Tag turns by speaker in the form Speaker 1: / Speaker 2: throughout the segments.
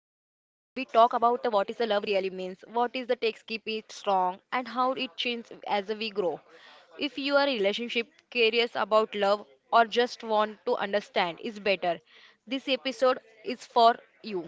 Speaker 1: We
Speaker 2: thick rock
Speaker 1: talk
Speaker 2: known
Speaker 1: about the
Speaker 2: the
Speaker 1: what is the
Speaker 2: Waterloo
Speaker 1: love
Speaker 2: Love
Speaker 1: really
Speaker 2: Yell.
Speaker 1: means, what is the text keep it strong, and how it changes as we grow. If you are relationship curious about love or just want to understand is better, this episode is for you.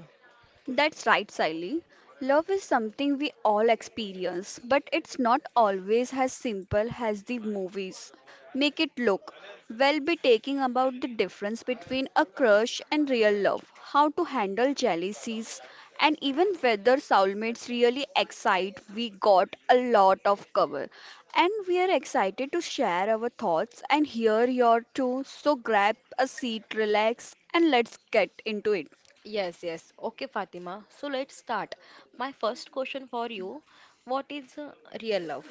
Speaker 2: That's right, Siley. Love is something we all experience, but it's not always as simple as the movies make it look. We'll be taking about the difference between a crush and real love, how to handle jealousies, and even whether soulmates really excite. We got a lot of cover, and we are excited to share our thoughts and hear your too. So grab a seat, relax, and let's get into it.
Speaker 1: Yes. Okay, Fatima, so let's start. My first question for you, what is real love?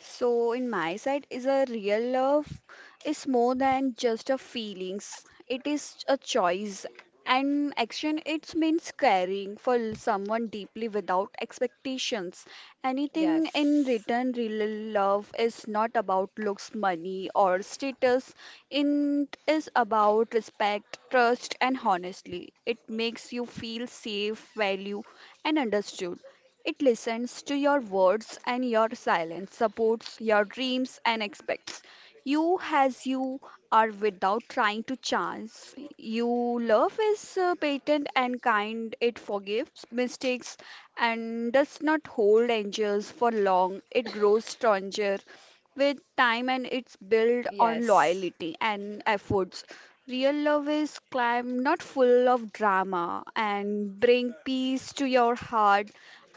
Speaker 2: So, in my side, is a real love is more than just a feelings. It is a choice and action. It means caring for someone deeply without expectations. Anything in
Speaker 1: yes
Speaker 2: return, real love is not about looks, money, or status. It is about respect, trust, and honestly. It makes you feel safe, value, and understood. It listens to your words and your silence, supports your dreams and expects you as you are without trying to chance. You love is patient and kind. It forgives mistakes and does not hold angels for long. It grows stronger with time and it's built on
Speaker 1: yes
Speaker 2: loyalty and efforts. Real love is calm, not full of drama, and bring peace to your heart.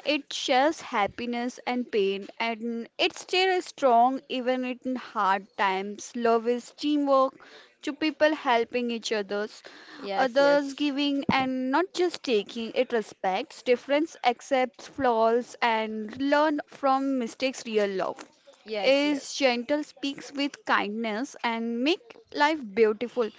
Speaker 2: It shares happiness and pain, and it still strong even in hard times. Love is teamwork, two people helping each others,
Speaker 1: yes
Speaker 2: others
Speaker 1: yes
Speaker 2: giving and not just taking. It respects difference, accepts flaws, and learn from mistakes. Real love
Speaker 1: Yes,
Speaker 2: is
Speaker 1: yes.
Speaker 2: gentle, speaks with kindness, and make life beautiful.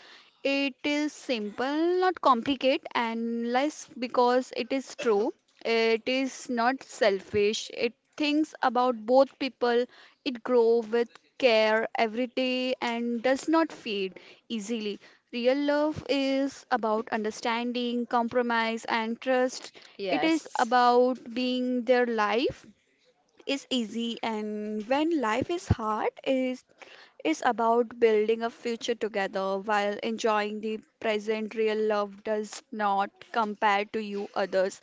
Speaker 2: It is simple, not complicated, and less because it is true. It is not selfish. It thinks about both people. It grows with care every day and does not fade easily. Real love is about understanding, compromise, and trust. It is
Speaker 1: Yes.
Speaker 2: about being their life is easy and when life is hard is about building a future together while enjoying the present. Real love does not compare to you others.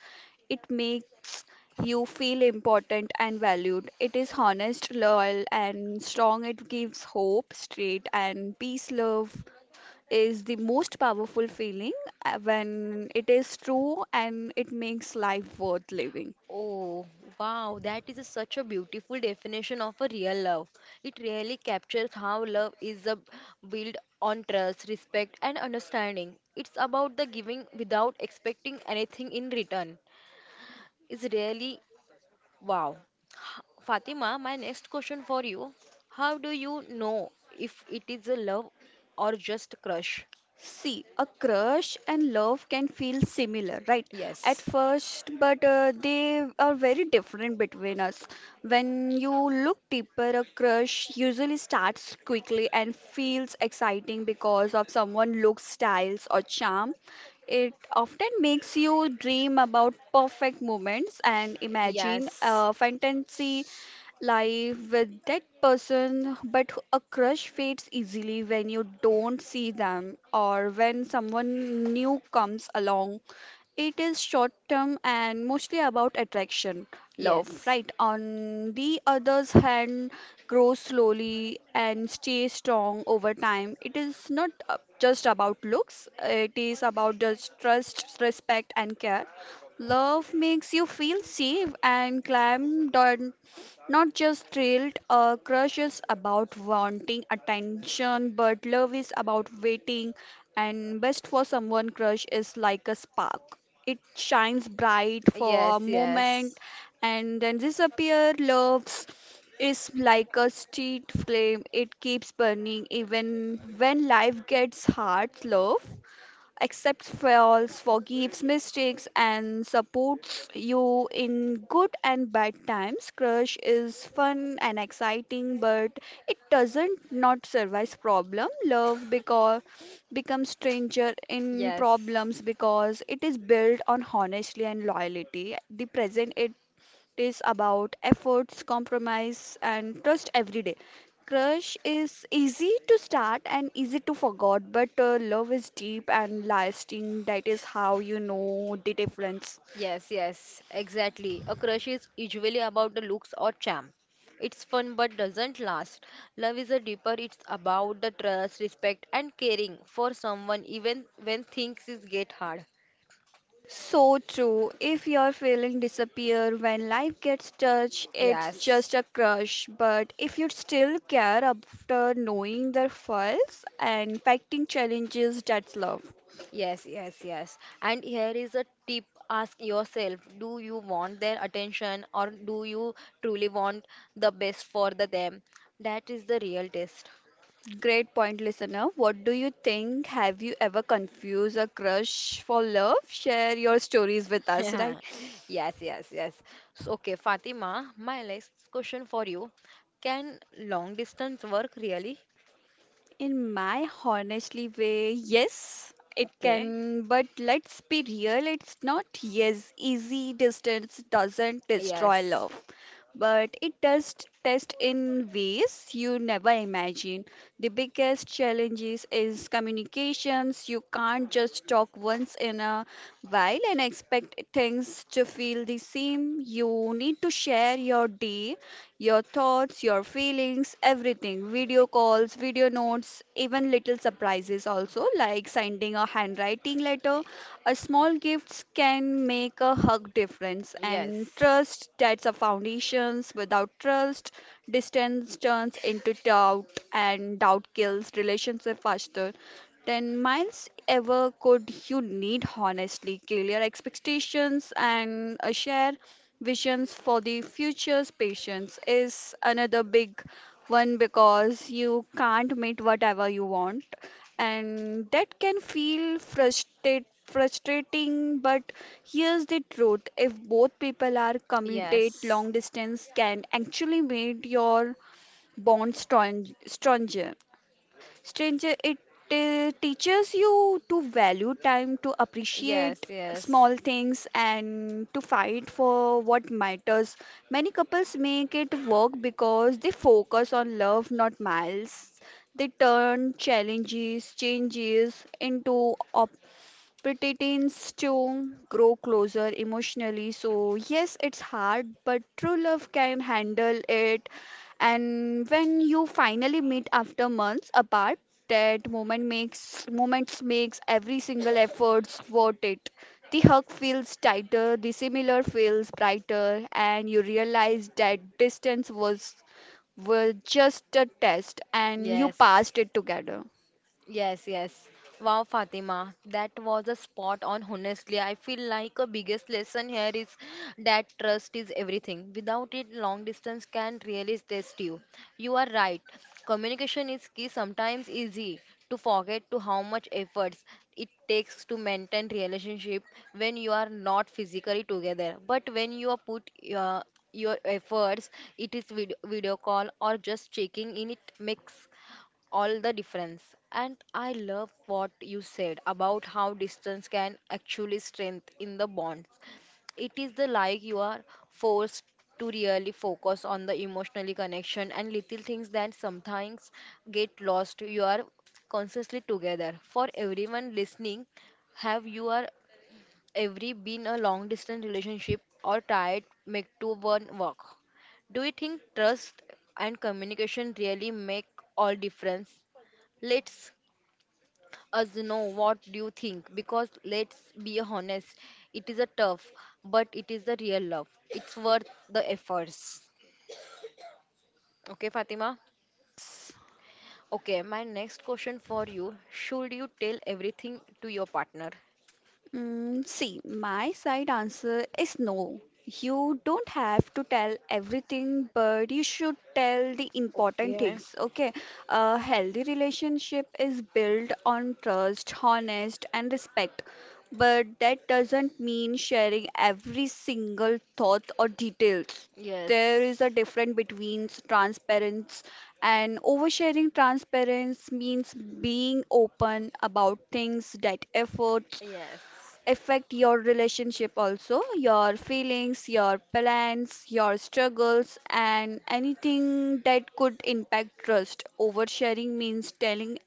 Speaker 2: It makes you feel important and valued. It is honest, loyal, and strong. It gives hope, straight, and peace. Love is the most powerful feeling when it is true, and it makes life worth living.
Speaker 1: Oh, wow, that is a, such a beautiful definition of a real love. It really captures how love is a built on trust, respect, and understanding. It's about the giving without expecting anything in return. It's really wow. Fatima, my next question for you. How do you know if it is a love or just crush?
Speaker 2: See, a crush and love can feel similar, right? At
Speaker 1: Yes.
Speaker 2: first, but they are very different between us. When you look deeper, a crush usually starts quickly and feels exciting because of someone looks, styles, or charm. It often makes you dream about perfect moments and imagine
Speaker 1: Yes.
Speaker 2: a fantasy life with that person, but a crush fades easily when you don't see them or when someone new comes along. It is short term and mostly about attraction, love,
Speaker 1: Yes.
Speaker 2: right? On the other's hand, grows slowly and stays strong over time. It is not just about looks, it is about just trust, respect, and care. Love makes you feel safe and calm, not just thrilled. Crush is about wanting attention, but love is about waiting, and best for someone. Crush is like a spark. It shines bright for a
Speaker 1: Yes. Yes.
Speaker 2: moment and then disappears. Love's is like a street flame. It keeps burning even when life gets hard. Love accepts flaws, forgives mistakes, and supports you in good and bad times. Crush is fun and exciting, but it doesn't not survive problem. Love because becomes stranger in
Speaker 1: Yes.
Speaker 2: problems because it is built on honesty and loyalty. The present it is about efforts, compromise, and trust every day. Crush is easy to start and easy to forget, but love is deep and lasting. That is how you know the difference.
Speaker 1: Yes. Yes, exactly. A crush is usually about the looks or charm. It's fun but doesn't last. Love is a deeper, it's about the trust, respect, and caring for someone even when things is get hard.
Speaker 2: So true. If your feeling disappear when life gets touched, it's
Speaker 1: Yes.
Speaker 2: just a crush. But if you still care after knowing their faults and fighting challenges, that's love.
Speaker 1: Yes. And here is a tip, ask yourself, do you want their attention or do you truly want the best for the them? That is the real test.
Speaker 2: Great point, listener. What do you think? Have you ever confused a crush for love? Share your stories with us, right?
Speaker 1: Yes. So, okay, Fatima, my last question for you. Can long distance work really?
Speaker 2: In my honestly way, yes, it
Speaker 1: Okay.
Speaker 2: can, but let's be real, it's not yes, easy. Distance doesn't destroy
Speaker 1: Yes,
Speaker 2: love, but it does test in ways you never imagine. The biggest challenges is communications. You can't just talk once in a while and expect things to feel the same. You need to share your day, your thoughts, your feelings, everything. Video calls, video notes, even little surprises also, like sending a handwriting letter. A small gifts can make a hug difference. And
Speaker 1: yes.
Speaker 2: trust, that's a foundations. Without trust, distance turns into doubt, and doubt kills relationship faster. 10 miles ever could, you need honestly clear expectations and a share visions for the future's patients. Is another big one because you can't meet whatever you want, and that can feel frustrating. But here's the truth: if both people are committed, long distance can actually make your bond stronger. Stranger, it teaches you to value time, to
Speaker 1: Yes,
Speaker 2: appreciate
Speaker 1: yes.
Speaker 2: small things, and to fight for what matters. Many couples make it work because they focus on love, not miles. They turn challenges, changes into, but it tends to grow closer emotionally. So, yes, it's hard, but true love can handle it. And when you finally meet after months apart, that moments makes every single efforts worth it. The hug feels tighter, the similar feels brighter, and you realize that distance was just a test, and you passed it together.
Speaker 1: Yes, yes. Wow, Fatima, that was a spot on. Honestly, I feel like a biggest lesson here is that trust is everything. Without it, long distance can really test you. You are right. Communication is key, sometimes easy to forget to how much efforts it takes to maintain relationship when you are not physically together. But when you are put your efforts, it is video, call or just checking in, it makes all the difference. And I love what you said about how distance can actually strengthen the bonds. It is the like you are forced to really focus on the emotionally connection and little things that sometimes get lost. You are consciously together. For everyone listening, have you are every been a long distance relationship or tried make two one work? Do you think trust and communication really make all difference? Let's us know what do you think, because let's be honest, it is a tough, but it is the real love. It's worth the efforts. Okay, Fatima? Okay, my next question for you, should you tell everything to your partner?
Speaker 2: Mm, see, my side answer is no. You don't have to tell everything, but you should tell the important
Speaker 1: Okay.
Speaker 2: things. Okay, a healthy relationship is built on trust, honest, and respect. But that doesn't mean sharing every single thought or details. There
Speaker 1: Yes.
Speaker 2: is a difference between transparency and oversharing. Transparency means being open about things that efforts
Speaker 1: Yes.
Speaker 2: affect your relationship, also your feelings, your plans, your struggles, and anything that could impact trust. Oversharing means telling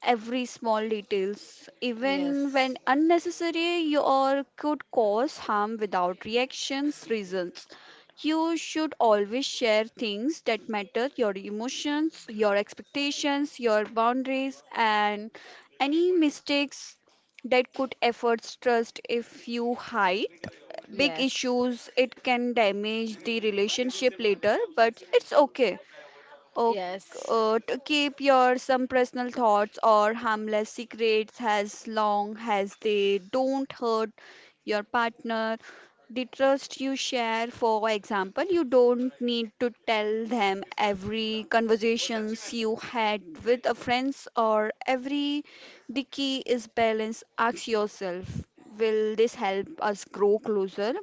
Speaker 2: every small details, even
Speaker 1: Yes.
Speaker 2: when unnecessary or could cause harm without reactions reasons. You should always share things that matter: your emotions, your expectations, your boundaries, and any mistakes that could affect trust. If you hide big
Speaker 1: Yes.
Speaker 2: issues, it can damage the relationship later, but it's okay, Oh, to keep your some personal thoughts or harmless secrets as long as they don't hurt your partner. The trust you share, for example, you don't need to tell them every conversations you had with a friends or every. The key is balance. Ask yourself, will this help us grow closer?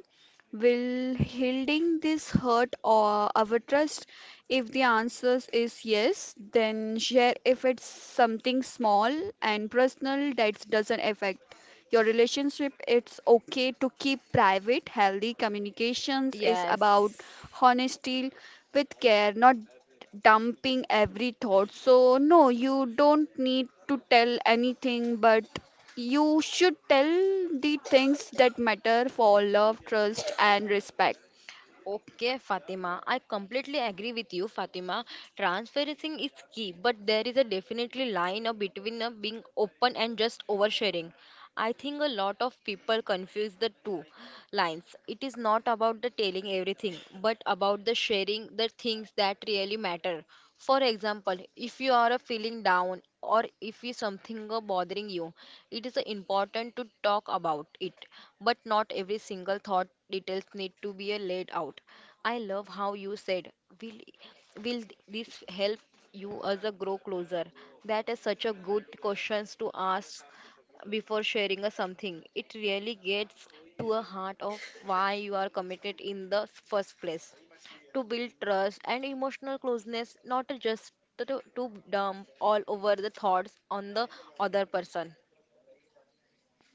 Speaker 2: Will healing this hurt or our trust? If the answer is yes, then share. If it's something small and personal that doesn't affect your relationship, it's okay to keep
Speaker 1: Yes.
Speaker 2: private. Healthy communications is about
Speaker 1: Yes.
Speaker 2: honesty with care, not dumping every thought. So, no, you don't need to tell anything, but you should tell the things that matter for love, trust, and respect.
Speaker 1: Okay, Fatima. I completely agree with you, Fatima. Transparency is key, but there is a definitely line between being open and just oversharing. I think a lot of people confuse the two lines. It is not about the telling everything, but about the sharing the things that really matter. For example, if you are feeling down or if you something are bothering you, it is important to talk about it. But not every single thought details need to be laid out. I love how you said, will will this help you as a grow closer? That is such a good questions to ask before sharing a something. It really gets to a heart of why you are committed in the first place. To build trust and emotional closeness, not just to dump all over the thoughts on the other person.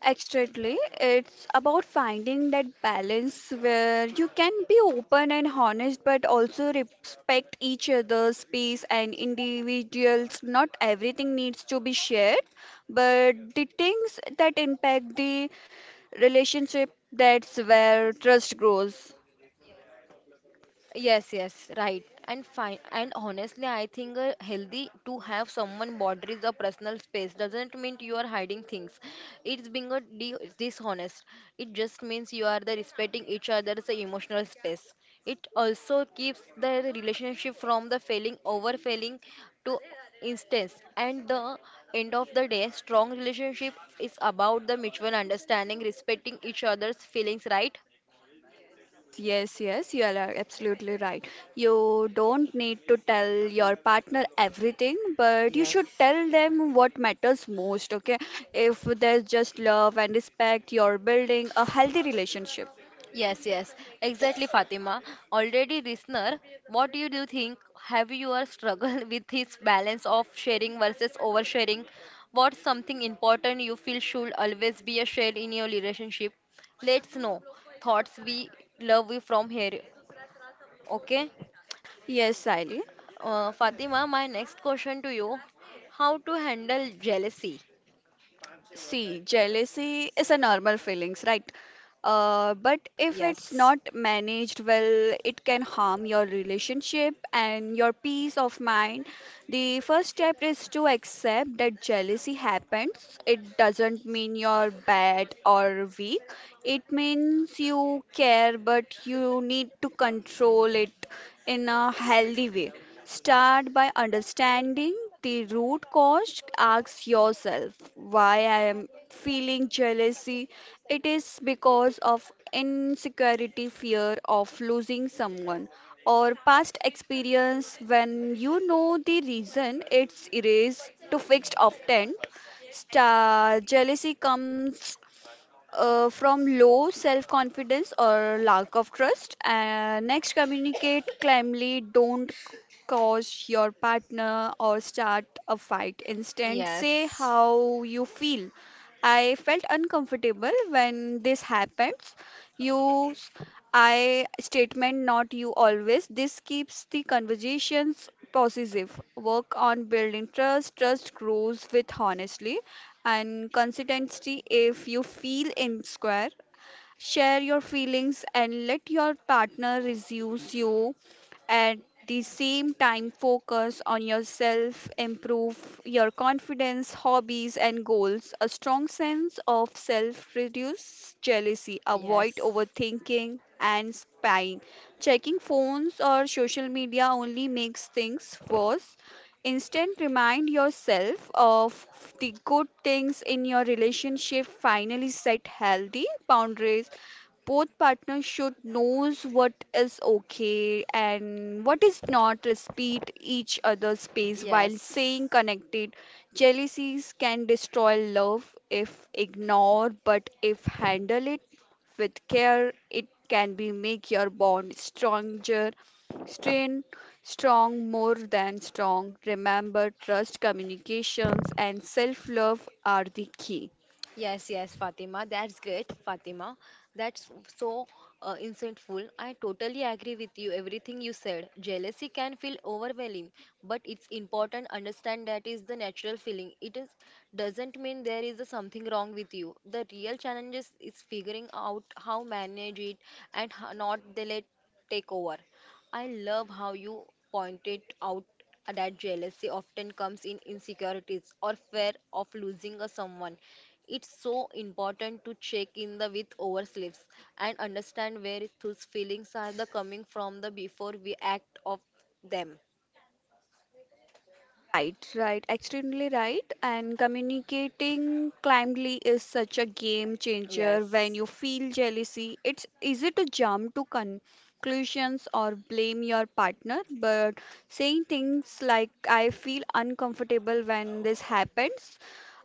Speaker 2: Exactly. It's about finding that balance where you can be open and honest, but also respect each other's space and individuals. Not everything needs to be shared, but the things that impact the relationship, that's where trust grows.
Speaker 1: Yes, yes, right. And fine. And honestly, I think healthy to have someone boundaries or personal space doesn't mean you are hiding things. It's being a de dishonest. It just means you are the respecting each other's emotional space. It also keeps the relationship from the failing over failing to instance. And the end of the day, strong relationship is about the mutual understanding, respecting each other's feelings, right?
Speaker 2: Yes, yes, you are absolutely right. You don't need to tell your partner everything, but you
Speaker 1: Yes.
Speaker 2: should tell them what matters most, okay? If there's just love and respect, you're building a healthy relationship.
Speaker 1: Yes, yes, exactly, Fatima. Already, listener, what do you think? Have you a struggle with this balance of sharing versus oversharing? What's something important you feel should always be a share in your relationship? Let's know. Thoughts we love you from here. Okay,
Speaker 2: Yes, Sally.
Speaker 1: Fatima, my next question to you: how to handle jealousy?
Speaker 2: See, jealousy is a normal feelings, right? But if it's
Speaker 1: Yes.
Speaker 2: not managed well, it can harm your relationship and your peace of mind. The first step is to accept that jealousy happens. It doesn't mean you're bad or weak. It means you care, but you need to control it in a healthy way. Start by understanding the root cause. Ask yourself, why I am feeling jealousy? It is because of insecurity, fear of losing someone, or past experience. When you know the reason, it's erased to fixed often. Star jealousy comes from low self confidence or lack of trust. Next, communicate calmly. Don't cause your partner or start a fight. Instead, say
Speaker 1: Yes,
Speaker 2: how you feel. I felt uncomfortable when this happens. Use I statement, not you always. This keeps the conversations positive. Work on building trust. Trust grows with honestly and consistency. If you feel insecure, share your feelings and let your partner reduce you. At the same time, focus on yourself, improve your confidence, hobbies, and goals. A strong sense of self reduce jealousy. Avoid
Speaker 1: yes,
Speaker 2: overthinking and spying. Checking phones or social media only makes things worse. Instead, remind yourself of the good things in your relationship. Finally, set healthy boundaries. Both partners should knows what is okay and what is not. Respect each other's space while
Speaker 1: yes,
Speaker 2: staying connected. Jealousies can destroy love if ignored, but if handle it with care, it can be make your bond stronger strain strong more than strong. Remember, trust, communications, and self love are the key.
Speaker 1: yes, yes, Fatima, that's great, Fatima. That's so insightful. I totally agree with you, everything you said. Jealousy can feel overwhelming, but it's important understand that is the natural feeling. It is doesn't mean there is a something wrong with you. The real challenges is figuring out how manage it and how not they let take over. I love how you pointed out that jealousy often comes in insecurities or fear of losing a someone. It's so important to check in the with oversleeps and understand where those feelings are the coming from the before we act of them.
Speaker 2: Right, right, extremely right. And communicating kindly is such a game changer.
Speaker 1: Yes.
Speaker 2: When you feel jealousy, it's easy to jump to conclusions or blame your partner. But saying things like, I feel uncomfortable when this happens,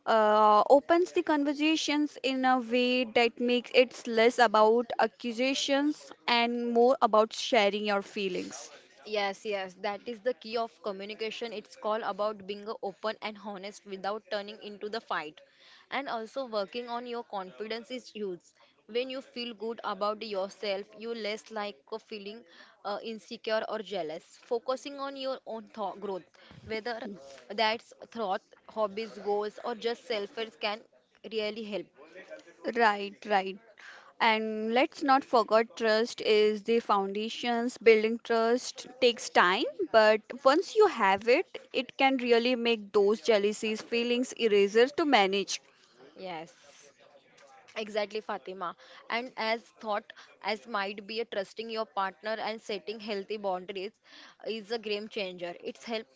Speaker 2: opens the conversations in a way that makes it less about accusations and more about sharing your feelings.
Speaker 1: Yes, yes, that is the key of communication. It's all about being a open and honest without turning into the fight. And also working on your confidence is huge. When you feel good about yourself, you less like a feeling insecure or jealous. Focusing on your own thought growth, whether that's thought, hobbies, goals, or just self can really help.
Speaker 2: Right, right. And let's not forget trust is the foundations. Building trust takes time, but once you have it, it can really make those jealousies, feelings, erasers to manage
Speaker 1: Yes. Exactly, Fatima. And as thought as might be a trusting your partner and setting healthy boundaries is a game changer. It's help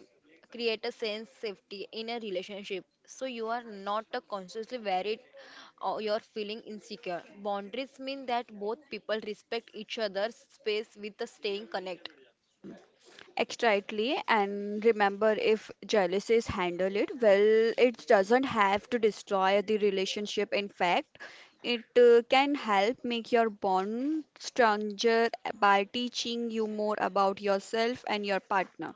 Speaker 1: create a sense safety in a relationship. So you are not consciously worried or you're feeling insecure. Boundaries mean that both people respect each other's space with the staying connect.
Speaker 2: extritely. And remember, if jealousies handle it well, it doesn't have to destroy the relationship. In fact, it can help make your bond stronger by teaching you more about yourself and your partner.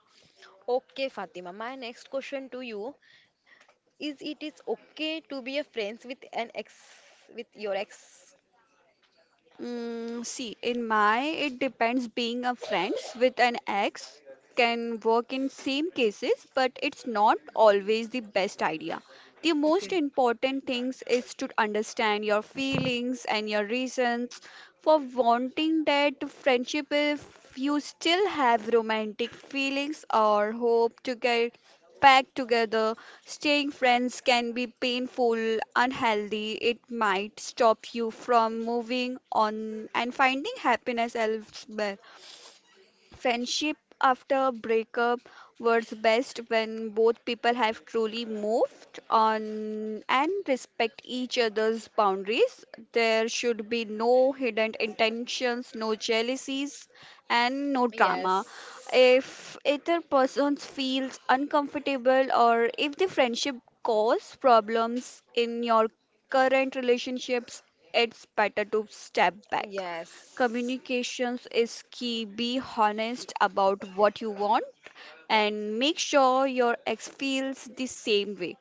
Speaker 1: Okay, Fatima. My next question to you is: it is okay to be a friends with an ex, with your ex?
Speaker 2: See, in my, it depends. Being a friends with an ex can work in same cases, but it's not always the best idea. The most
Speaker 1: Okay.
Speaker 2: important things is to understand your feelings and your reasons for wanting that friendship if you still have romantic feelings or hope to get back together. Staying friends can be painful, unhealthy. It might stop you from moving on and finding happiness elsewhere. Friendship after breakup works best when both people have truly moved on and respect each other's boundaries. There should be no hidden intentions, no jealousies, and no drama.
Speaker 1: Yes.
Speaker 2: If either person feels uncomfortable or if the friendship cause problems in your current relationships, it's better to step back.
Speaker 1: Yes.
Speaker 2: Communications is key. Be honest about what you want and make sure your ex feels the same way.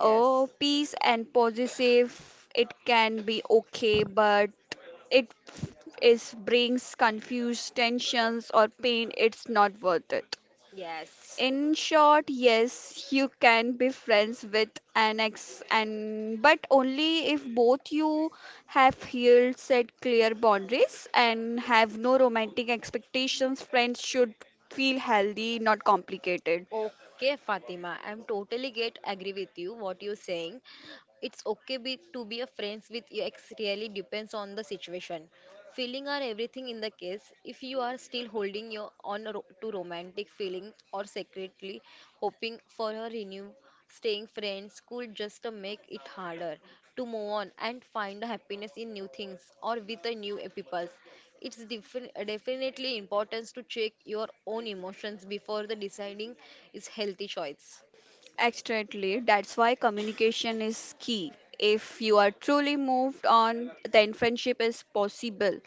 Speaker 2: Oh, peace and positive, it can be okay, but it is brings confused tensions or pain, it's not worth it.
Speaker 1: yes,
Speaker 2: In short, yes, you can be friends with an ex and but only if
Speaker 1: yes.
Speaker 2: both you have healed, set clear boundaries and have no romantic expectations. Friends should feel healthy, not complicated.
Speaker 1: Okay, Fatima, I'm totally get agree with you what you're saying. It's okay be, to be a friends with your ex really depends on the situation. Feeling are everything in the case. If you are still holding your on to romantic feeling or secretly hoping for a renew, staying friends could just make it harder to move on and find happiness in new things or with the new people. It's definitely important to check your own emotions before the deciding is healthy choice.
Speaker 2: Exactly. That's why communication is key. If you are truly moved on, then friendship is possible,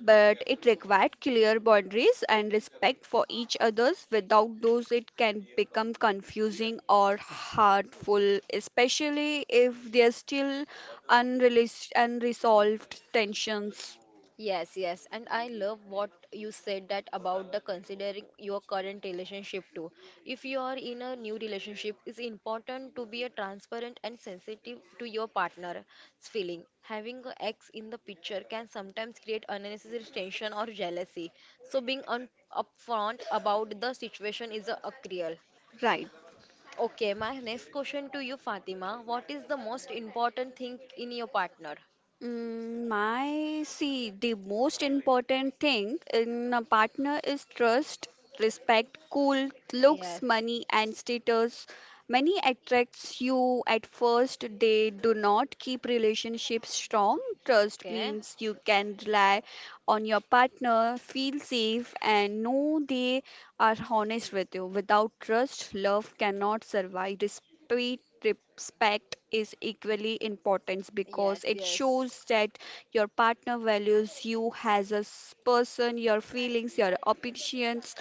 Speaker 2: but it required clear boundaries and respect for each other's. Without those it can become confusing or hurtful, especially if there's still unresolved tensions.
Speaker 1: Yes, yes, and I love what you said that about the considering your current relationship too. If you are in a new relationship, it's important to be a transparent and sensitive to your partner's feeling. Having an ex in the picture can sometimes create unnecessary tension or jealousy. So being upfront about the situation is a crucial.
Speaker 2: Right.
Speaker 1: Okay, my next question to you, Fatima. What is the most important thing in your partner?
Speaker 2: My see, the most important thing in a partner is trust, respect, cool, looks,
Speaker 1: Yes.
Speaker 2: money, and status. Money attracts you at first. They do not keep relationships strong. Trust
Speaker 1: Okay.
Speaker 2: means you can rely on your partner, feel safe, and know they are honest with you. Without trust, love cannot survive. Respect is equally important
Speaker 1: Yes.
Speaker 2: because it shows
Speaker 1: Yes.
Speaker 2: that your partner values you as a person, your feelings, your opinions,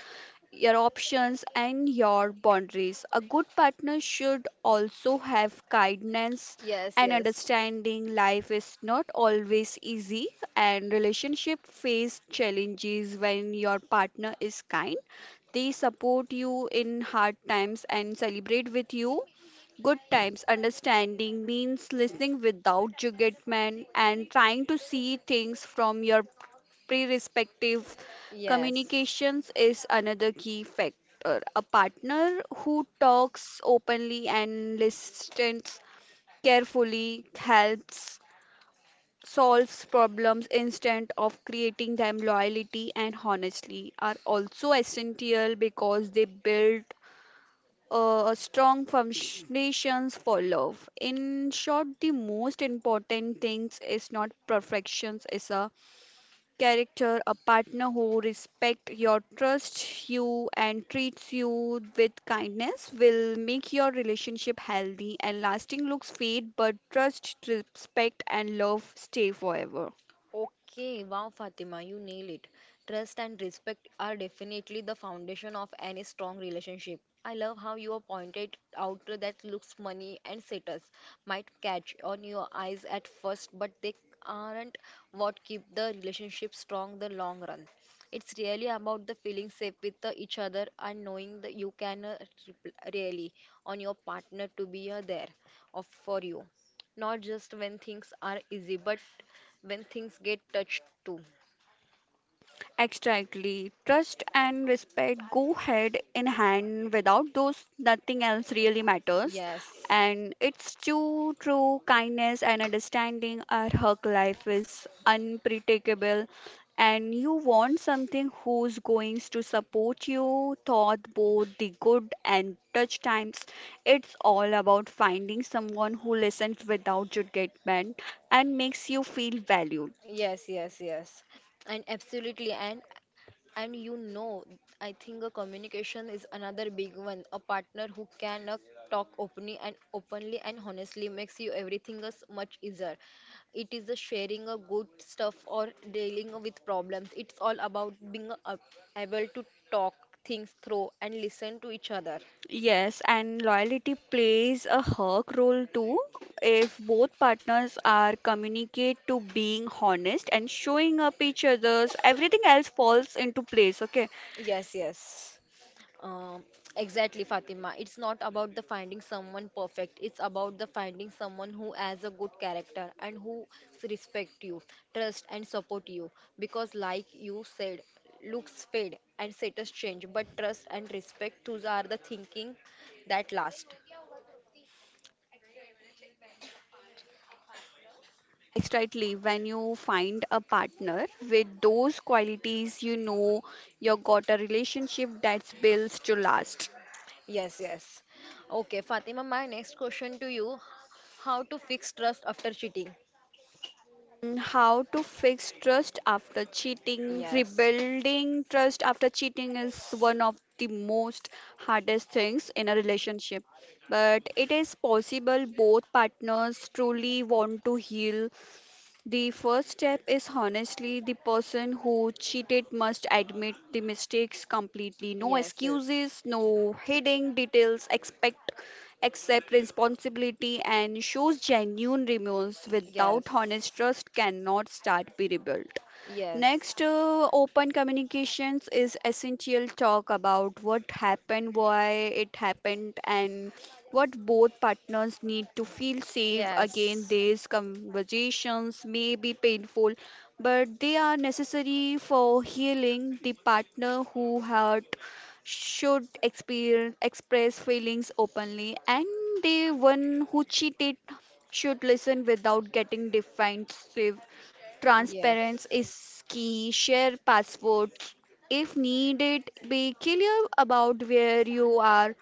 Speaker 2: your options and your boundaries. A good partner should also have kindness
Speaker 1: Yes,
Speaker 2: and
Speaker 1: yes,
Speaker 2: understanding. Life is not always easy and relationship face challenges. When your partner is kind they support you in hard times and celebrate with you good times. Understanding means listening without judgment and trying to see things from your perspective.
Speaker 1: yes.
Speaker 2: Communications is another key factor. A partner who talks openly and listens carefully helps solves problems instead of creating them. Loyalty and honestly are also essential because they build strong foundations for love. In short, the most important things is not perfections, is a character. A partner who respect your trust you and treats you with kindness will make your relationship healthy and lasting. Looks fade, but trust, respect and love stay forever.
Speaker 1: Okay, wow, Fatima, you nail it. Trust and respect are definitely the foundation of any strong relationship. I love how you have pointed out that looks, money, and status might catch on your eyes at first, but they aren't what keep the relationship strong the long run. It's really about the feeling safe with the each other and knowing that you can really on your partner to be there of for you, not just when things are easy but when things get touched too.
Speaker 2: Exactly. Trust and respect go hand in hand. Without those, nothing else really matters.
Speaker 1: Yes.
Speaker 2: And it's true kindness and understanding. Our work life is unpredictable, and you want something who's going to support you, thought both the good and touch times. It's all about finding someone who listens without judgment and makes you feel valued.
Speaker 1: Yes. And absolutely. And you know, I think a communication is another big one. A partner who can talk openly and openly and honestly makes you everything is much easier. It is a sharing a good stuff or dealing with problems. It's all about being able to talk things through and listen to each other.
Speaker 2: Yes, and loyalty plays a hawk role too. If both partners are communicate to being honest and showing up each other's, everything else falls into place. Okay.
Speaker 1: Yes, yes. Um, exactly, Fatima. It's not about the finding someone perfect. It's about the finding someone who has a good character and who respect you, trust and support you. Because, like you said, looks fade and status change, but trust and respect those are the thinking that last.
Speaker 2: Exactly. When you find a partner with those qualities, you know you got a relationship that's built to last.
Speaker 1: Yes, yes. Okay, Fatima. My next question to you: how to fix trust after cheating?
Speaker 2: How to fix trust after cheating.
Speaker 1: Yes.
Speaker 2: Rebuilding trust after cheating is one of the most hardest things in a relationship. But it is possible both partners truly want to heal. The first step is honestly: the person who cheated must admit the mistakes completely. No
Speaker 1: Yes, yes,
Speaker 2: excuses, no hiding details, expect accept responsibility and shows genuine remorse. Without
Speaker 1: yes,
Speaker 2: honest, trust cannot start be rebuilt.
Speaker 1: yes,
Speaker 2: Next, open communications is essential. Talk about what happened, why it happened, and what both partners need to feel safe. Again,
Speaker 1: yes,
Speaker 2: these conversations may be painful, but they are necessary for healing. The partner who hurt should experience, express feelings openly, and the one who cheated should listen without
Speaker 1: yes,
Speaker 2: getting defensive. Transparency
Speaker 1: yes,
Speaker 2: is key. Share passwords if needed. Be clear about where you are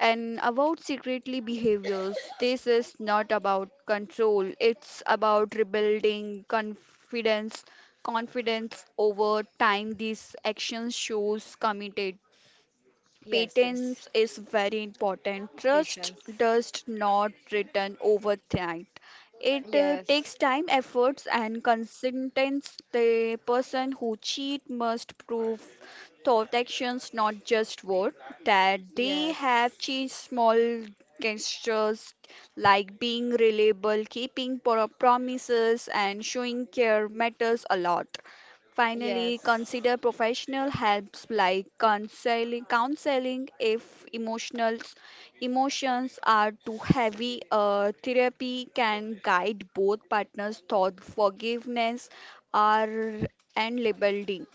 Speaker 2: and about secretly behaviors. This is not about control. It's about rebuilding confidence over time. These actions shows committed.
Speaker 1: yes,
Speaker 2: Patience is very important. Trust
Speaker 1: patience.
Speaker 2: does not return overnight. It
Speaker 1: Yes.
Speaker 2: takes time, efforts, and consistency. The person who cheat must prove thought actions, not just word, that they
Speaker 1: Yes.
Speaker 2: have changed. Small gestures like being reliable, keeping promises, and showing care matters a lot.
Speaker 1: Yes.
Speaker 2: Finally, consider professional helps like counseling if emotions are too heavy. Therapy can guide both partners' thought, forgiveness, are and rebuilding.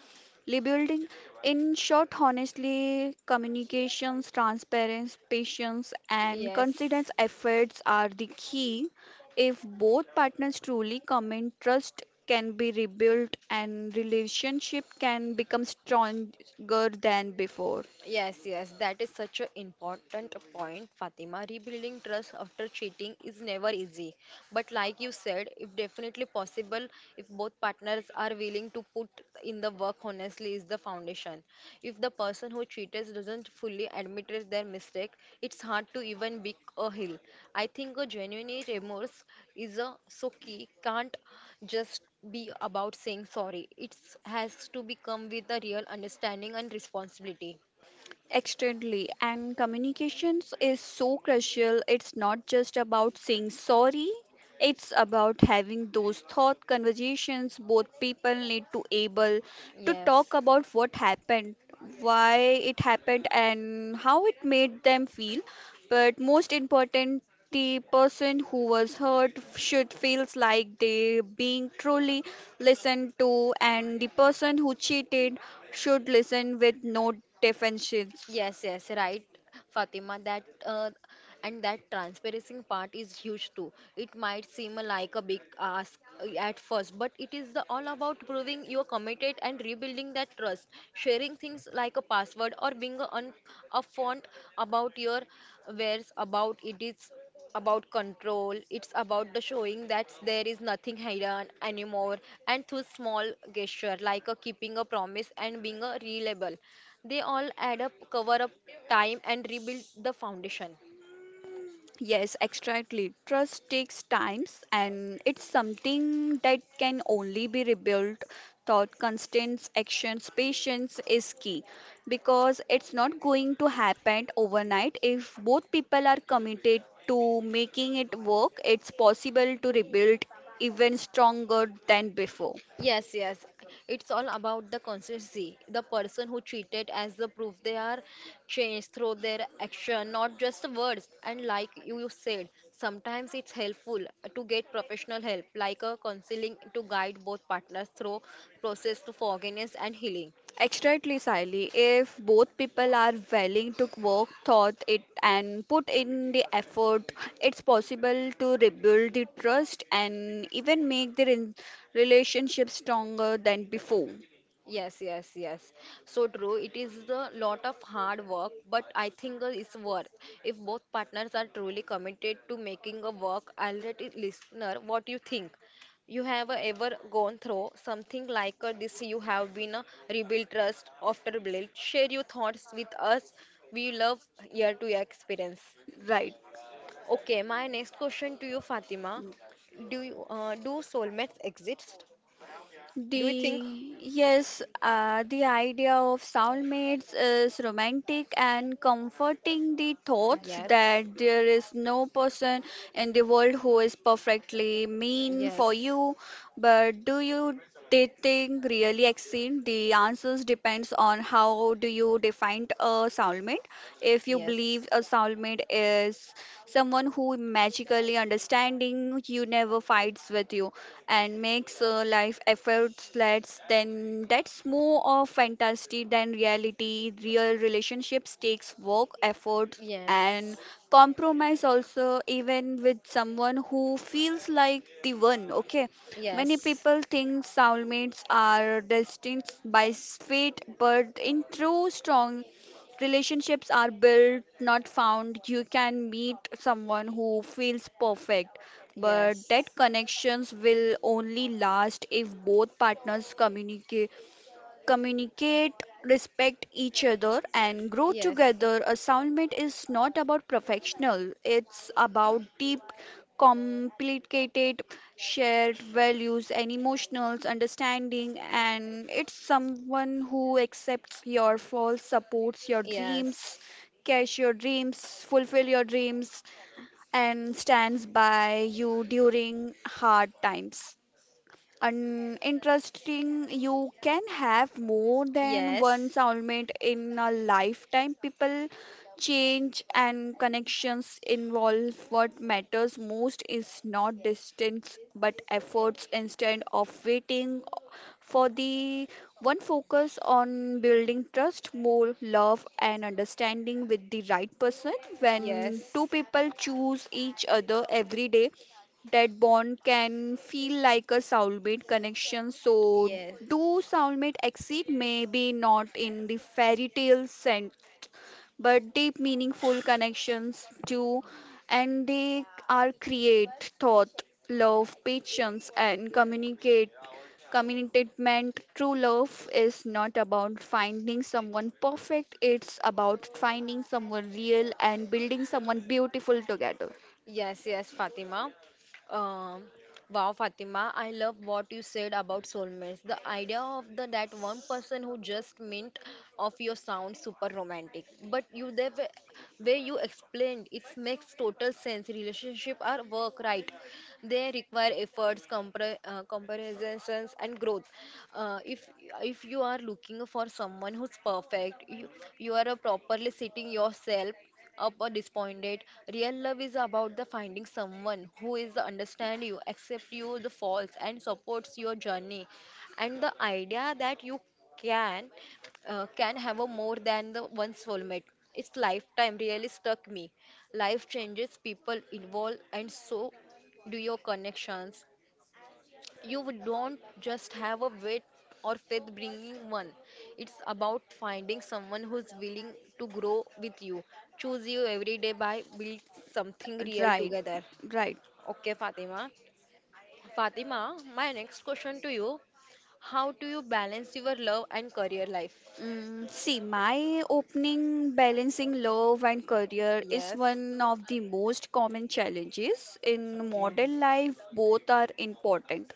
Speaker 2: Rebuilding, in short, honestly, communications, transparency, patience, and consistent efforts are the key. If both partners truly commit, trust can be rebuilt and relationship can become stronger than before.
Speaker 1: Yes, yes, that is such an important point, Fatima. Rebuilding trust after cheating is never easy. But like you said, it's definitely possible if both partners are willing to put in the work. Honestly is the foundation. If the person who cheated doesn't fully admit it their mistake, it's hard to even pick a hill. I think a genuine remorse is a so key, can't just be about saying sorry. It has to become with a real understanding and responsibility.
Speaker 2: Externally, and communications is so crucial. It's not just about saying sorry. It's about having those thought conversations. Both people need to able to
Speaker 1: Yes.
Speaker 2: talk about what happened, why it happened, and how it made them feel. But most important, the person who was hurt should feels like they being truly listened to, and the person who cheated should listen with no defenses.
Speaker 1: Yes, yes, right, Fatima. That and that transparency part is huge too. It might seem like a big ask at first, but it is the all about proving you're committed and rebuilding that trust. Sharing things like a password or being a upfront about your wares about it is about control. It's about the showing that there is nothing hidden anymore, and through small gesture like a keeping a promise and being a reliable, they all add up, cover up time, and rebuild the foundation.
Speaker 2: Yes, exactly. Trust takes times and it's something that can only be rebuilt. Thought, constants, actions, patience is key because it's not going to happen overnight. If both people are committed to making it work, it's possible to rebuild even stronger than before.
Speaker 1: Yes, yes. It's all about the consistency. The person who treated as the proof they are changed through their action, not just the words. And like you said, sometimes it's helpful to get professional help, like a counseling to guide both partners through process to forgiveness and healing.
Speaker 2: Exactly, Sally. If both people are willing to work thought it and put in the effort, it's possible to rebuild the trust and even make the relationship stronger than before.
Speaker 1: Yes, yes, yes. So true. It is a lot of hard work, but I think it's worth. If both partners are truly committed to making a work, I'll let it listener what you think. You have ever gone through something like this? You have been rebuilt trust after build. Share your thoughts with us. We love year to year experience.
Speaker 2: Right.
Speaker 1: Okay, my next question to you, Fatima. Do you, do soulmates exist? Do you think?
Speaker 2: The yes, the idea of soulmates is romantic and comforting. The thoughts
Speaker 1: Yes,
Speaker 2: that there is no person in the world who is perfectly mean
Speaker 1: yes.
Speaker 2: for you, but do you dating really exist? The answers depends on how do you define a soulmate. If you
Speaker 1: Yes.
Speaker 2: believe a soulmate is someone who magically understanding you, never fights with you and makes life efforts less, then that's more of fantasy than reality. Real relationships takes work, efforts and
Speaker 1: Yes.
Speaker 2: compromise also, even with someone who feels like the one. Okay, many
Speaker 1: Yes.
Speaker 2: people think soulmates are destined by fate, but in true strong relationships are built not found. You can meet someone who feels perfect, but
Speaker 1: Yes.
Speaker 2: that connections will only last if both partners communicate, respect each other, and grow
Speaker 1: Yes.
Speaker 2: together. A soulmate is not about professional; it's about deep, complicated, shared values and emotional understanding. And it's someone who accepts your faults, supports your dreams,
Speaker 1: Yes.
Speaker 2: cash your dreams, fulfill your dreams, and stands by you during hard times. And interesting, you can have more than one
Speaker 1: Yes.
Speaker 2: soulmate in a lifetime. People change and connections involve what matters most is not distance but efforts. Instead of waiting for the one, focus on building trust, more love and understanding with the right person.
Speaker 1: Yes.
Speaker 2: When two
Speaker 1: Yes.
Speaker 2: people choose each other every day, that bond can feel like a soulmate connection. So,
Speaker 1: Yes.
Speaker 2: do soulmate exist? Maybe not in the fairy tale sense, but deep, meaningful connections do, and they are create thought, love, patience, and communicate. Commitment, true love is not about finding someone perfect, it's about finding someone real and building someone beautiful together.
Speaker 1: Yes, yes, Fatima. Um, wow, Fatima, I love what you said about soulmates. The idea of the that one person who just mint of your sound super romantic. But you the way you explained it makes total sense. Relationship are work, right? They require efforts, compre comparisons, and growth. If if you are looking for someone who's perfect, you are a properly sitting yourself up or disappointed. Real love is about the finding someone who is the understand you, accept you the faults and supports your journey. And the idea that you can can have a more than the one soulmate. Its lifetime really struck me. Life changes, people evolve, and so do your connections. You would don't just have a weight or faith bringing one. It's about finding someone who's willing to grow with you, choose you every day by build something real
Speaker 2: Right,
Speaker 1: together.
Speaker 2: right.
Speaker 1: Okay, Fatima. Fatima, my next question to you. How do you balance your love and career life?
Speaker 2: See, my opening balancing love and career is
Speaker 1: Yes,
Speaker 2: one of the most common challenges in
Speaker 1: okay.
Speaker 2: modern life. Both are important.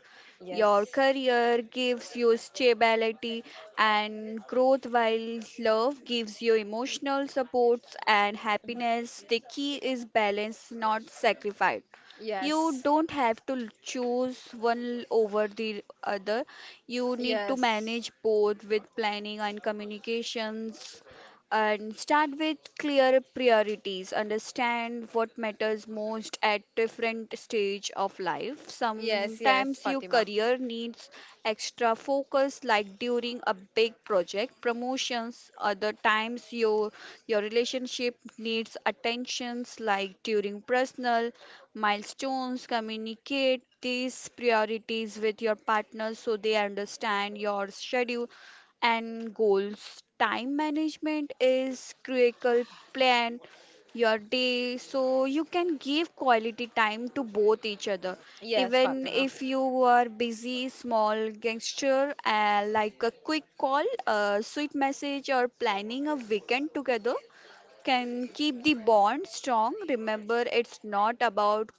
Speaker 2: Your career gives you stability and growth, while love gives you emotional supports and happiness.
Speaker 1: Yes,
Speaker 2: The key is balance, not sacrifice. You
Speaker 1: yes.
Speaker 2: don't have to choose one over the other. You need to
Speaker 1: Yes.
Speaker 2: manage both with planning and communications. And start with clear priorities. Understand what matters most at different stage of life.
Speaker 1: Yes, yes,
Speaker 2: Sometimes your
Speaker 1: Fatima.
Speaker 2: career needs extra focus, like during a big project, promotions. Other times your relationship needs attentions, like during personal milestones. Communicate these priorities with your partner so they understand your schedule and goals. Time management is critical. Plan your day so you can give quality time to both each other.
Speaker 1: Yes,
Speaker 2: Even
Speaker 1: Fatima.
Speaker 2: if you are busy, small gesture like a quick call, a sweet message, or planning a weekend together can keep the bond strong. Remember, it's not about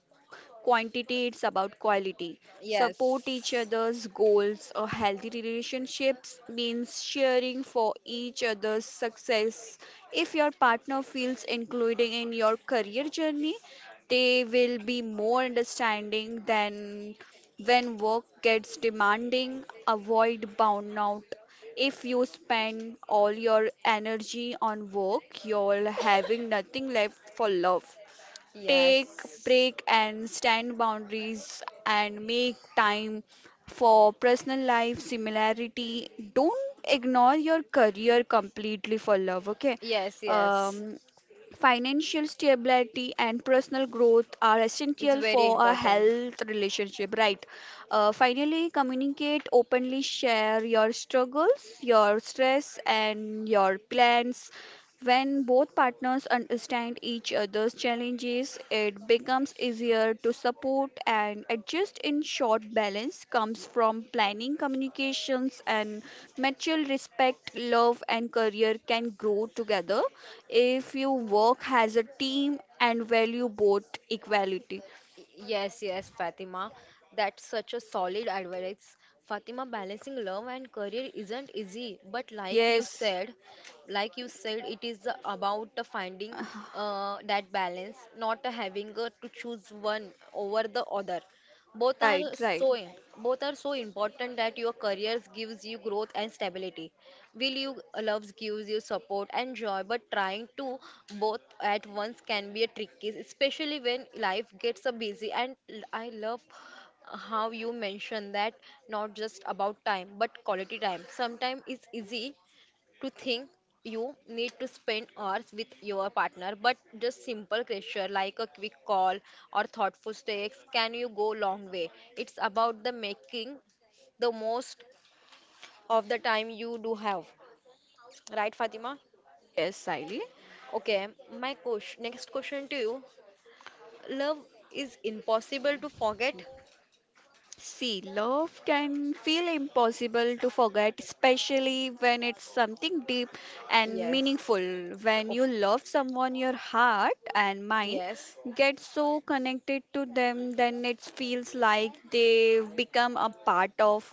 Speaker 2: quantity, it's about quality. Support each
Speaker 1: Yes.
Speaker 2: other's goals. A healthy relationships means sharing for each other's success. If your partner feels included in your career journey, they will be more understanding than when work gets demanding. Avoid burnout. If you spend all your energy on work, you're having nothing left for love. Take
Speaker 1: Yes.
Speaker 2: break and stand boundaries and make time for personal life. Similarity, don't ignore your career completely for love, okay?
Speaker 1: Yes, yes.
Speaker 2: um, Financial stability and personal growth are
Speaker 1: It's
Speaker 2: essential
Speaker 1: very
Speaker 2: for a
Speaker 1: important.
Speaker 2: health relationship, right? Finally, communicate openly. Share your struggles, your stress and your plans. When both partners understand each other's challenges, it becomes easier to support and adjust. In short, balance comes from planning, communications, and mutual respect. Love and career can grow together if you work as a team and value both equality.
Speaker 1: Yes, yes, Fatima. That's such a solid advice. Fatima, balancing love and career isn't easy, but
Speaker 2: Yes.
Speaker 1: like you said, it is about the finding that balance, not having to choose one over the other. Both are
Speaker 2: Right, right.
Speaker 1: so both are so important that your careers gives you growth and stability, will you loves gives you support and joy, but trying to both at once can be a tricky, especially when life gets so busy. And I love how you mention that not just about time, but quality time. Sometimes it's easy to think you need to spend hours with your partner, but just simple gesture like a quick call or thoughtful text can you go long way. It's about the making the most of the time you do have. Right, Fatima?
Speaker 2: Yes, Siley.
Speaker 1: Okay, my question, next question to you. Love is impossible to forget?
Speaker 2: See, love can feel impossible to forget, especially when it's something deep and
Speaker 1: Yes.
Speaker 2: meaningful. When
Speaker 1: Oh,
Speaker 2: you love someone, your heart and mind
Speaker 1: yes,
Speaker 2: get so connected to them, then it feels like they become a part of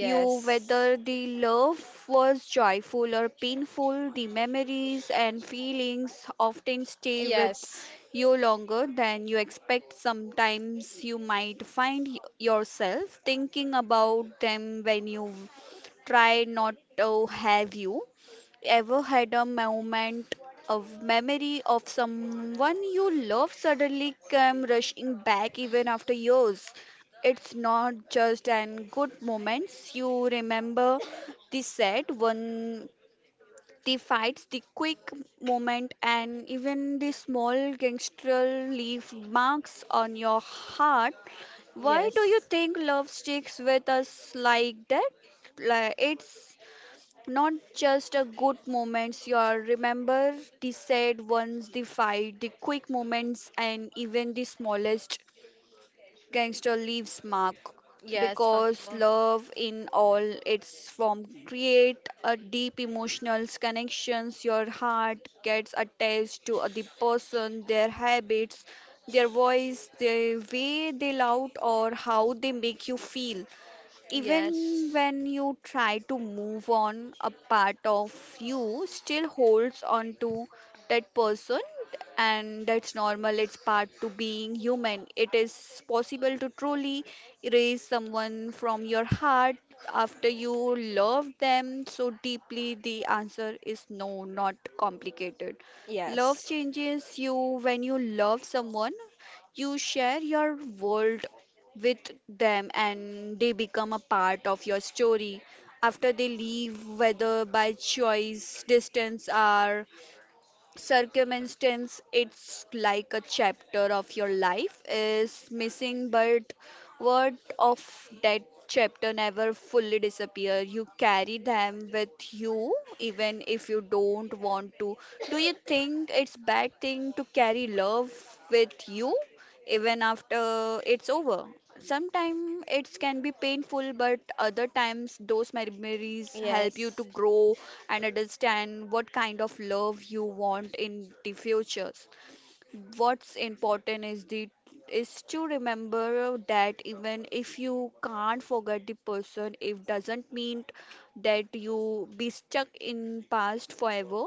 Speaker 2: you. Whether the love was joyful or painful, the memories and feelings often stay with
Speaker 1: yes,
Speaker 2: you longer than you expect. Sometimes you might find yourself thinking about them when you try not to have you. Ever had a moment of memory of someone you love suddenly came rushing back even after years? It's not just an good moments you remember, the sad one, the fights, the quick moment, and even the small gangster leave marks on your heart. Why do you
Speaker 1: yes,
Speaker 2: think love sticks with us like that? Like it's not just a good moments you are remember, the sad ones, the fight, the quick moments and even the smallest gangster leaves mark.
Speaker 1: yes,
Speaker 2: Because
Speaker 1: Fatima.
Speaker 2: love in all its form create a deep emotional connections. Your heart gets attached to the person, their habits, their voice, the way they loud or how they make you feel. Even
Speaker 1: Yes,
Speaker 2: when you try to move on, a part of you still holds on to that person, and that's normal. It's part to being human. It is possible to truly erase someone from your heart after you love them so deeply. The answer is no, not complicated. Love
Speaker 1: yes,
Speaker 2: changes you. When you love someone, you share your world with them and they become a part of your story. After they leave, whether by choice, distance or circumstance, it's like a chapter of your life is missing, but what of that chapter never fully disappear. You carry them with you even if you don't want to. Do you think it's bad thing to carry love with you even after it's over? Sometimes it can be painful, but other times those memories help you to
Speaker 1: yes,
Speaker 2: grow and understand what kind of love you want in the futures. What's important is the is to remember that even if you can't forget the person, it doesn't mean that you be stuck in past forever.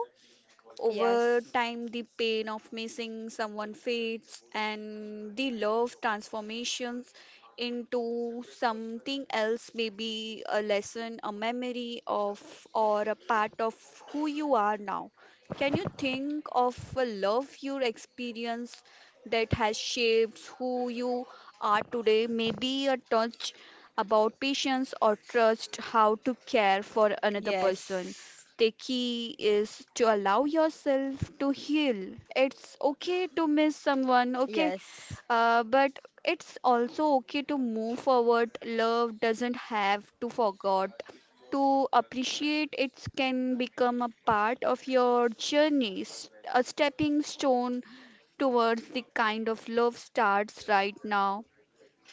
Speaker 2: Over
Speaker 1: yes,
Speaker 2: time, the pain of missing someone fades, and the love transformations into something else, maybe a lesson, a memory of, or a part of who you are now. Can you think of a love you experienced that has shaped who you are today? Maybe a touch about patience or trust, how to care for another person. The key is to allow yourself to heal. It's okay to miss someone,
Speaker 1: yes,
Speaker 2: okay?
Speaker 1: yes,
Speaker 2: But it's also okay to move forward. Love doesn't have to forget. To appreciate it can become a part of your journey, a stepping stone towards the kind of love starts right now.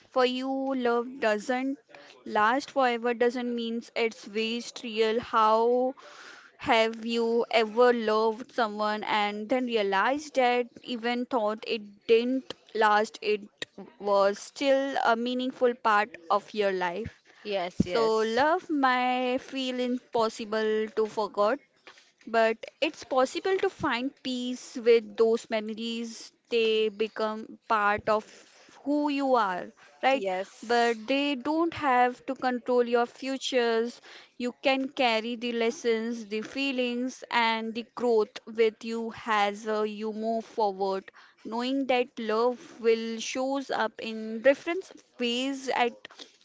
Speaker 2: For you, love doesn't last forever doesn't mean it's waste real. How have you ever loved someone and then realized that even thought it didn't last, it was still a meaningful part of your life?
Speaker 1: yes,
Speaker 2: So,
Speaker 1: yes.
Speaker 2: love may feel impossible to forget, but it's possible to find peace with those memories. They become part of who you are, right? But they don't have to control your futures. You can carry the lessons, the feelings, and the growth with you as you move forward, knowing that love will shows up in different ways at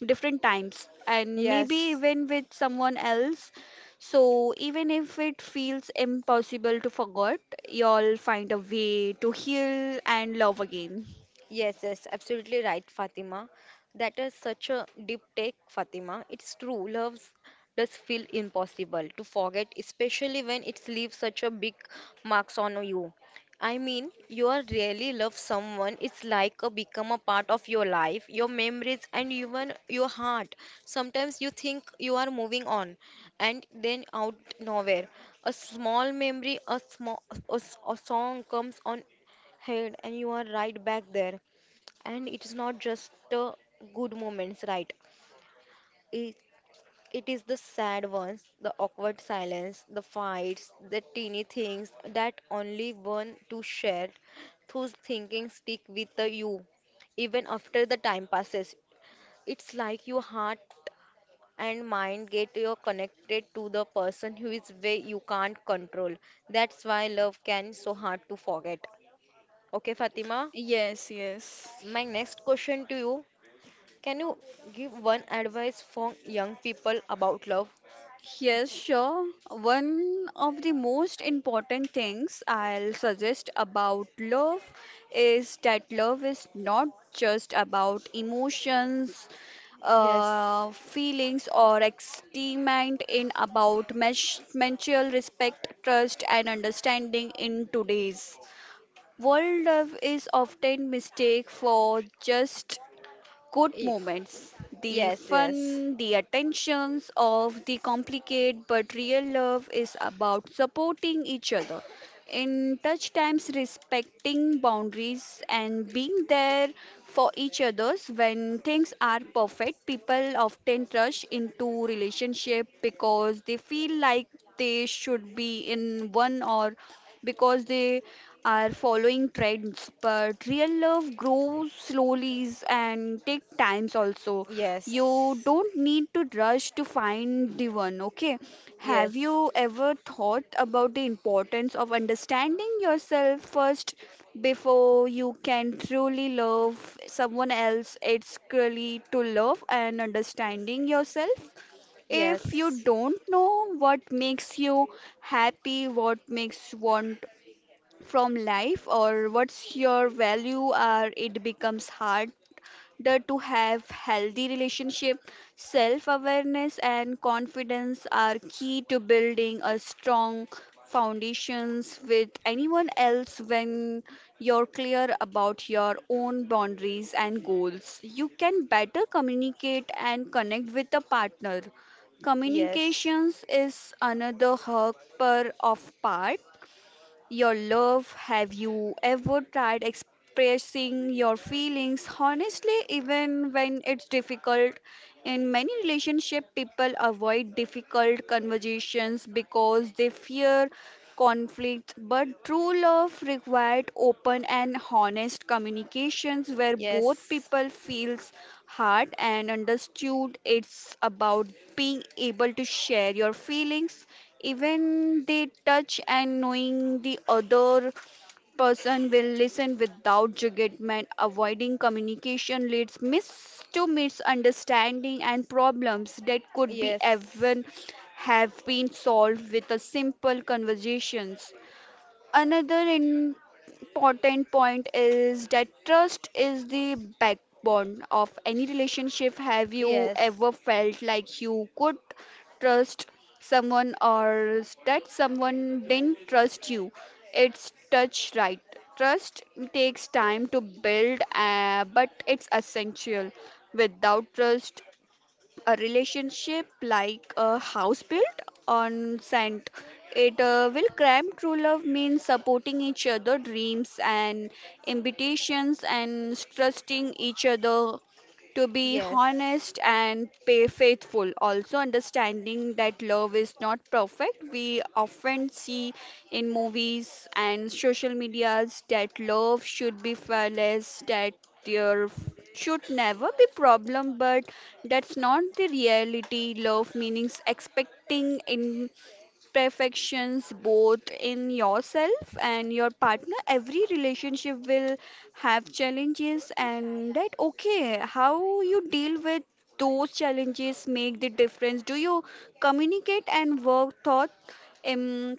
Speaker 2: different times, and maybe
Speaker 1: Yes.
Speaker 2: even with someone else. So even if it feels impossible to forget, you'll find a way to heal and love again.
Speaker 1: Yes, yes, absolutely right, Fatima. That is such a deep take, Fatima. It's true, love does feel impossible to forget, especially when it leaves such a big marks on you. I mean, you are really love someone. It's like a become a part of your life, your memories, and even your heart. Sometimes you think you are moving on, and then out nowhere, a small memory, a small, a song comes on head, and you are right back there. And it is not just the good moments, right? It, it is the sad ones, the awkward silence, the fights, the teeny things that only one to share. Those thinking stick with the you even after the time passes. It's like your heart and mind get you connected to the person who is way you can't control. That's why love can so hard to forget. Okay, Fatima,
Speaker 2: Yes, yes.
Speaker 1: my next question to you. Can you give one advice for young people about love?
Speaker 2: Yes, sure. One of the most important things I'll suggest about love is that love is not just about emotions,
Speaker 1: Yes.
Speaker 2: feelings, or excitement. In about mutual respect, trust, and understanding. In today's world, love is often mistaken for just good
Speaker 1: Y-
Speaker 2: moments. The
Speaker 1: Yes, yes,
Speaker 2: fun, the attentions of the complicated, but real love is about supporting each other. In touch times, respecting boundaries and being there for each others when things are perfect. People often rush into relationship because they feel like they should be in one or because they are following trends, but real love grows slowly and take times also.
Speaker 1: yes,
Speaker 2: You don't need to rush to find the one, okay? Have
Speaker 1: yes,
Speaker 2: you ever thought about the importance of understanding yourself first before you can truly love someone else? It's really to love and understanding yourself. If you
Speaker 1: yes,
Speaker 2: don't know what makes you happy, what makes want from life, or what's your value, or it becomes hard harder to have healthy relationship. Self-awareness and confidence are key to building a strong foundations with anyone else. When you're clear about your own boundaries and goals, you can better communicate and connect with a partner. Communications is another hug per of part your love. Have you ever tried expressing your feelings honestly, even when it's difficult? In many relationships, people avoid difficult conversations because they fear conflicts, but true love required open and honest communications where both
Speaker 1: yes,
Speaker 2: people feels heard and understood. It's about being able to share your feelings,
Speaker 1: yes,
Speaker 2: even they touch, and knowing the other person will listen without judgment. Avoiding communication leads to misunderstanding and problems that could be
Speaker 1: yes,
Speaker 2: even have been solved with a simple conversations. Another important point is that trust is the backbone of any relationship. Have you
Speaker 1: yes.
Speaker 2: ever felt like you could trust someone or that someone didn't trust you? It's touch, right? Trust takes time to build, but it's essential. Without trust, a relationship like a house built on sand. It will cram. True love means supporting each other dreams and invitations and trusting each other to be
Speaker 1: Yes.
Speaker 2: honest and pay faithful. Also understanding that love is not perfect. We often see in movies and social medias that love should be fearless, that there should never be problem, but that's not the reality. Love meanings expecting in perfections, both in yourself and your partner. Every relationship will have challenges, and that okay. How you deal with those challenges make the difference. Do you communicate and work thought um,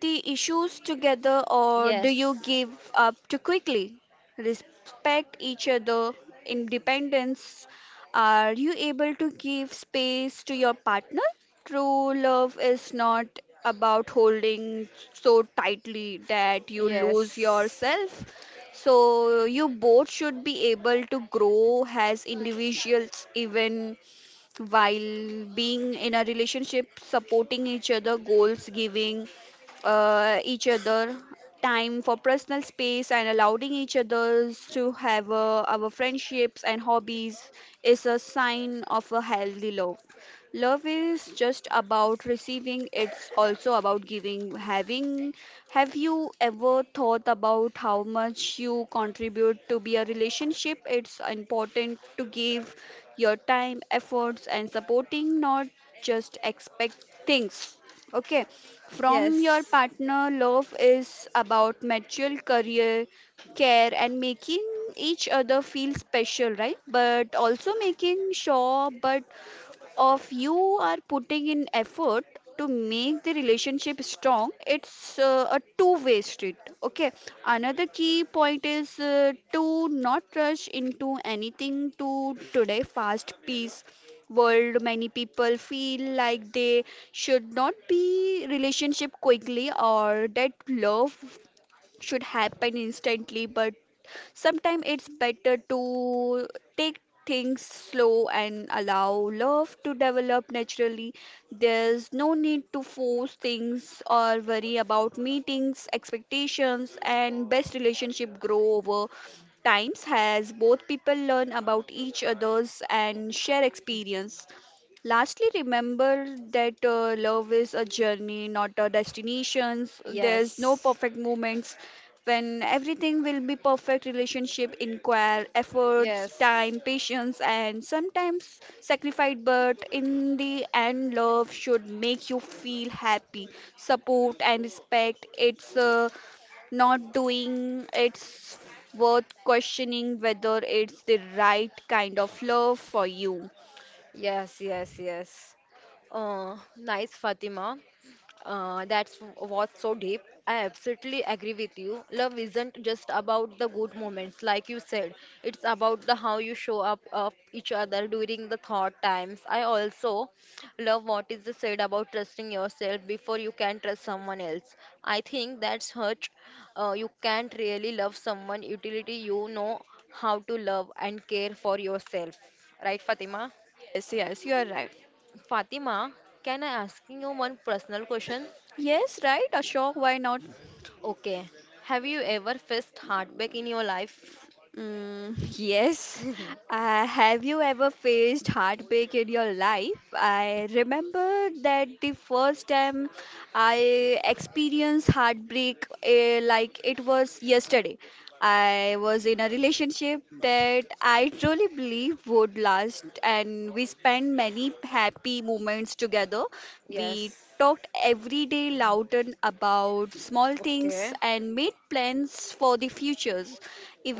Speaker 2: the issues together, or do
Speaker 1: Yes.
Speaker 2: you give up too quickly? Respect each other, independence. Are you able to give space to your partner? True love is not about holding so tightly that you lose
Speaker 1: Yes.
Speaker 2: yourself. So, you both should be able to grow as individuals, even while being in a relationship, supporting each other goals, giving each other time for personal space and allowing each others to have our friendships and hobbies is a sign of a healthy love. Love is just about receiving, it's also about giving having. Have you ever thought about how much you contribute to be a relationship? It's important to give your time, efforts, and supporting, not just expect things. Okay, from your
Speaker 1: Yes.
Speaker 2: partner, love is about mutual career care and making each other feel special, right? But also making sure, but of you are putting in effort to make the relationship strong. It's a two-way street, okay? Another key point is to not rush into anything. To today fast paced world, many people feel like they should not be relationship quickly or that love should happen instantly, but sometimes it's better to take things slow and allow love to develop naturally. There's no need to force things or worry about meetings, expectations, and best relationship grow over times as both people learn about each others and share experience. Lastly, remember that love is a journey, not a destination. There's no perfect moments when everything will be perfect. Relationship inquire efforts,
Speaker 1: Yes. Yes.
Speaker 2: time, patience, and sometimes sacrifice, but in the end love should make you feel happy, support, and respect. It's not doing. It's worth questioning whether it's the right kind of love for you.
Speaker 1: Yes, yes, yes. Nice, Fatima. That's what's so deep. I absolutely agree with you. Love isn't just about the good moments, like you said. It's about the how you show up of each other during the thought times. I also love what is said about trusting yourself before you can trust someone else. I think that's hurt. You can't really love someone utility you know how to love and care for yourself. Right, Fatima?
Speaker 2: Yes, yes, you are right.
Speaker 1: Fatima, can I asking you one personal question?
Speaker 2: Yes, right, Ashok, why not?
Speaker 1: Okay. Have you ever faced heartbreak in your life?
Speaker 2: Mm. Yes. Have you ever faced heartbreak in your life? I remember that the first time I experienced heartbreak, like it was yesterday. I was in a relationship that I truly believe would last, and we spent many happy moments together. We
Speaker 1: Yes.
Speaker 2: talked every day loud and about small things
Speaker 1: Okay.
Speaker 2: and made plans for the futures,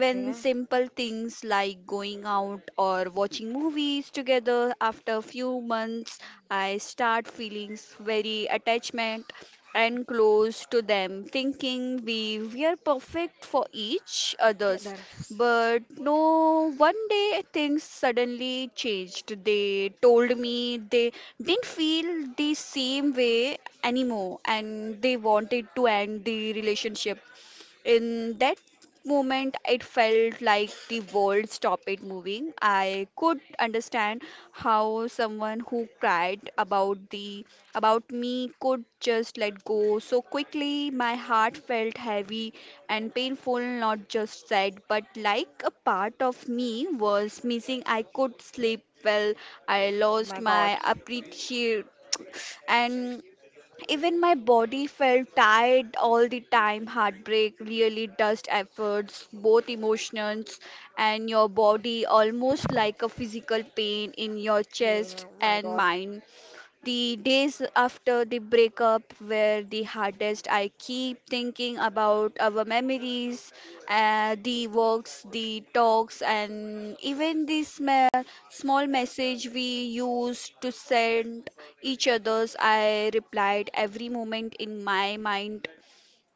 Speaker 1: Okay.
Speaker 2: simple things like going out or watching movies together. After a few months, I start feeling very attachment and close to them, thinking we were perfect for each
Speaker 1: Eh,
Speaker 2: others.
Speaker 1: that's.
Speaker 2: But no, one day things suddenly changed. They told me they didn't feel the same way anymore and they wanted to end the relationship. In that moment, it felt like the world stopped it moving. I could understand how someone who cried about the about me could just let go so quickly. My heart felt heavy and painful, not just sad, but like a part of me was missing. I could sleep well. I
Speaker 1: Oh
Speaker 2: lost
Speaker 1: my God.
Speaker 2: my appreciate and even my body felt tired all the time. Heartbreak really does efforts, both emotions and your body, almost like a physical pain in your chest
Speaker 1: Yeah, my
Speaker 2: and
Speaker 1: God.
Speaker 2: mind. The days after the breakup were the hardest. I keep thinking about our memories, the walks, the talks, and even the small, small message we used to send each other's. I replied every moment in my mind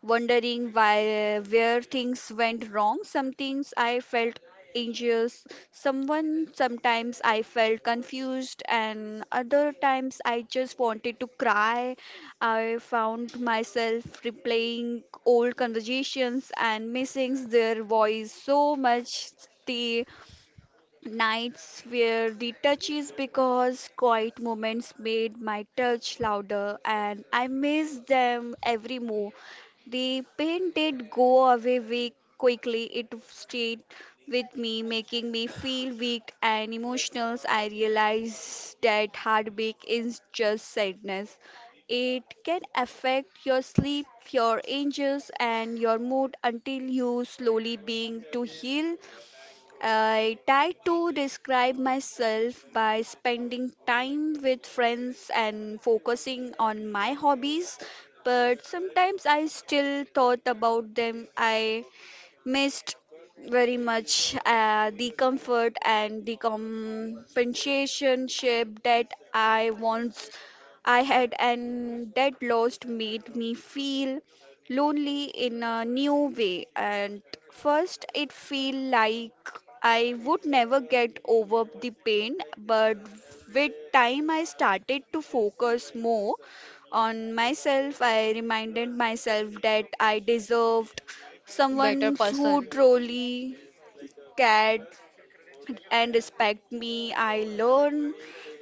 Speaker 2: wondering why where things went wrong. Some things I felt anxious, someone sometimes I felt confused and other times I just wanted to cry. I found myself replaying old conversations and missing their voice so much. Nights where the touch is because quiet moments made my touch louder and I miss them every move. The pain did go away weak quickly. It stayed with me, making me feel weak and emotional. I realized that heartbreak is just sadness. It can affect your sleep, your angels, and your mood until you slowly being to heal. I try to describe myself by spending time with friends and focusing on my hobbies, but sometimes I still thought about them. I missed very much the comfort and the compensation ship that I once I had, and that lost made me feel lonely in a new way. And first it feel like I would never get over the pain, but with time I started to focus more on myself. I reminded myself that I deserve
Speaker 1: Better
Speaker 2: someone who
Speaker 1: person.
Speaker 2: truly cared and respect me. I learned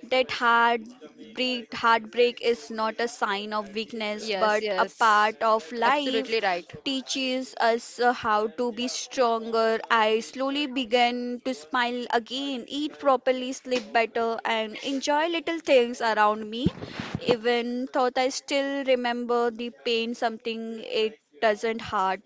Speaker 2: that heartbreak is not a sign of weakness,
Speaker 1: Yes,
Speaker 2: but a
Speaker 1: yes.
Speaker 2: part of life.
Speaker 1: Absolutely right.
Speaker 2: Teaches us how to be stronger. I slowly began to smile again, eat properly, sleep better, and enjoy little things around me. Even thought I still remember the pain, something it doesn't hurt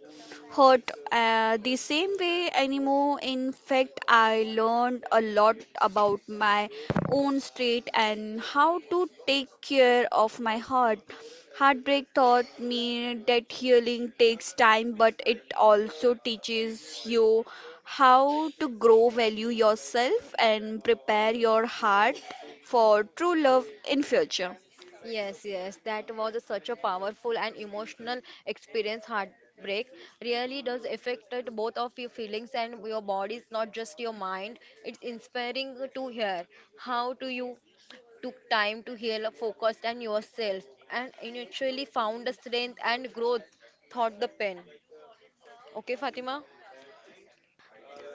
Speaker 2: hurt the same way anymore. In fact, I learned a lot about my own state and how to take care of my heart. Heartbreak taught me that healing takes time, but it also teaches you how to grow, value yourself, and prepare your heart for true love in future.
Speaker 1: Yes, yes, that was such a powerful and emotional experience. Heartbreak really does affect it, both of your feelings and your bodies, not just your mind. It's inspiring to hear how do you took time to heal, focused on yourself, and eventually found the strength and growth. Thought the pen. Okay, Fatima.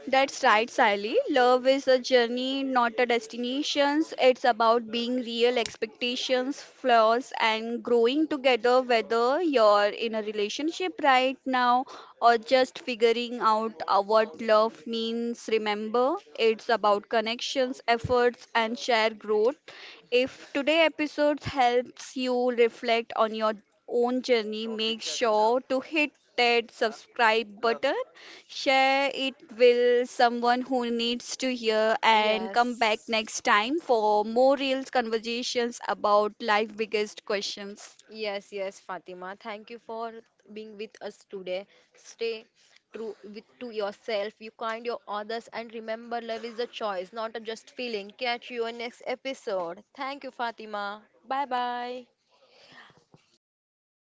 Speaker 2: That's right, Sally. Love is a journey, not a destination. It's about being real, expectations, flaws, and growing together, whether you're in a relationship right now or just figuring out what love means. Remember, it's about connections, efforts, and shared growth. If today episode helps you reflect on your own journey, make sure to hit that subscribe button. Share it with someone who needs to hear and come back
Speaker 1: Yes.
Speaker 2: next time for more real conversations about life biggest questions.
Speaker 1: Yes, yes, Fatima. Thank you for being with us today. Stay true with, to yourself. You kind your others and remember love is a choice, not a just feeling. Catch you on next episode. Thank you, Fatima. Bye bye.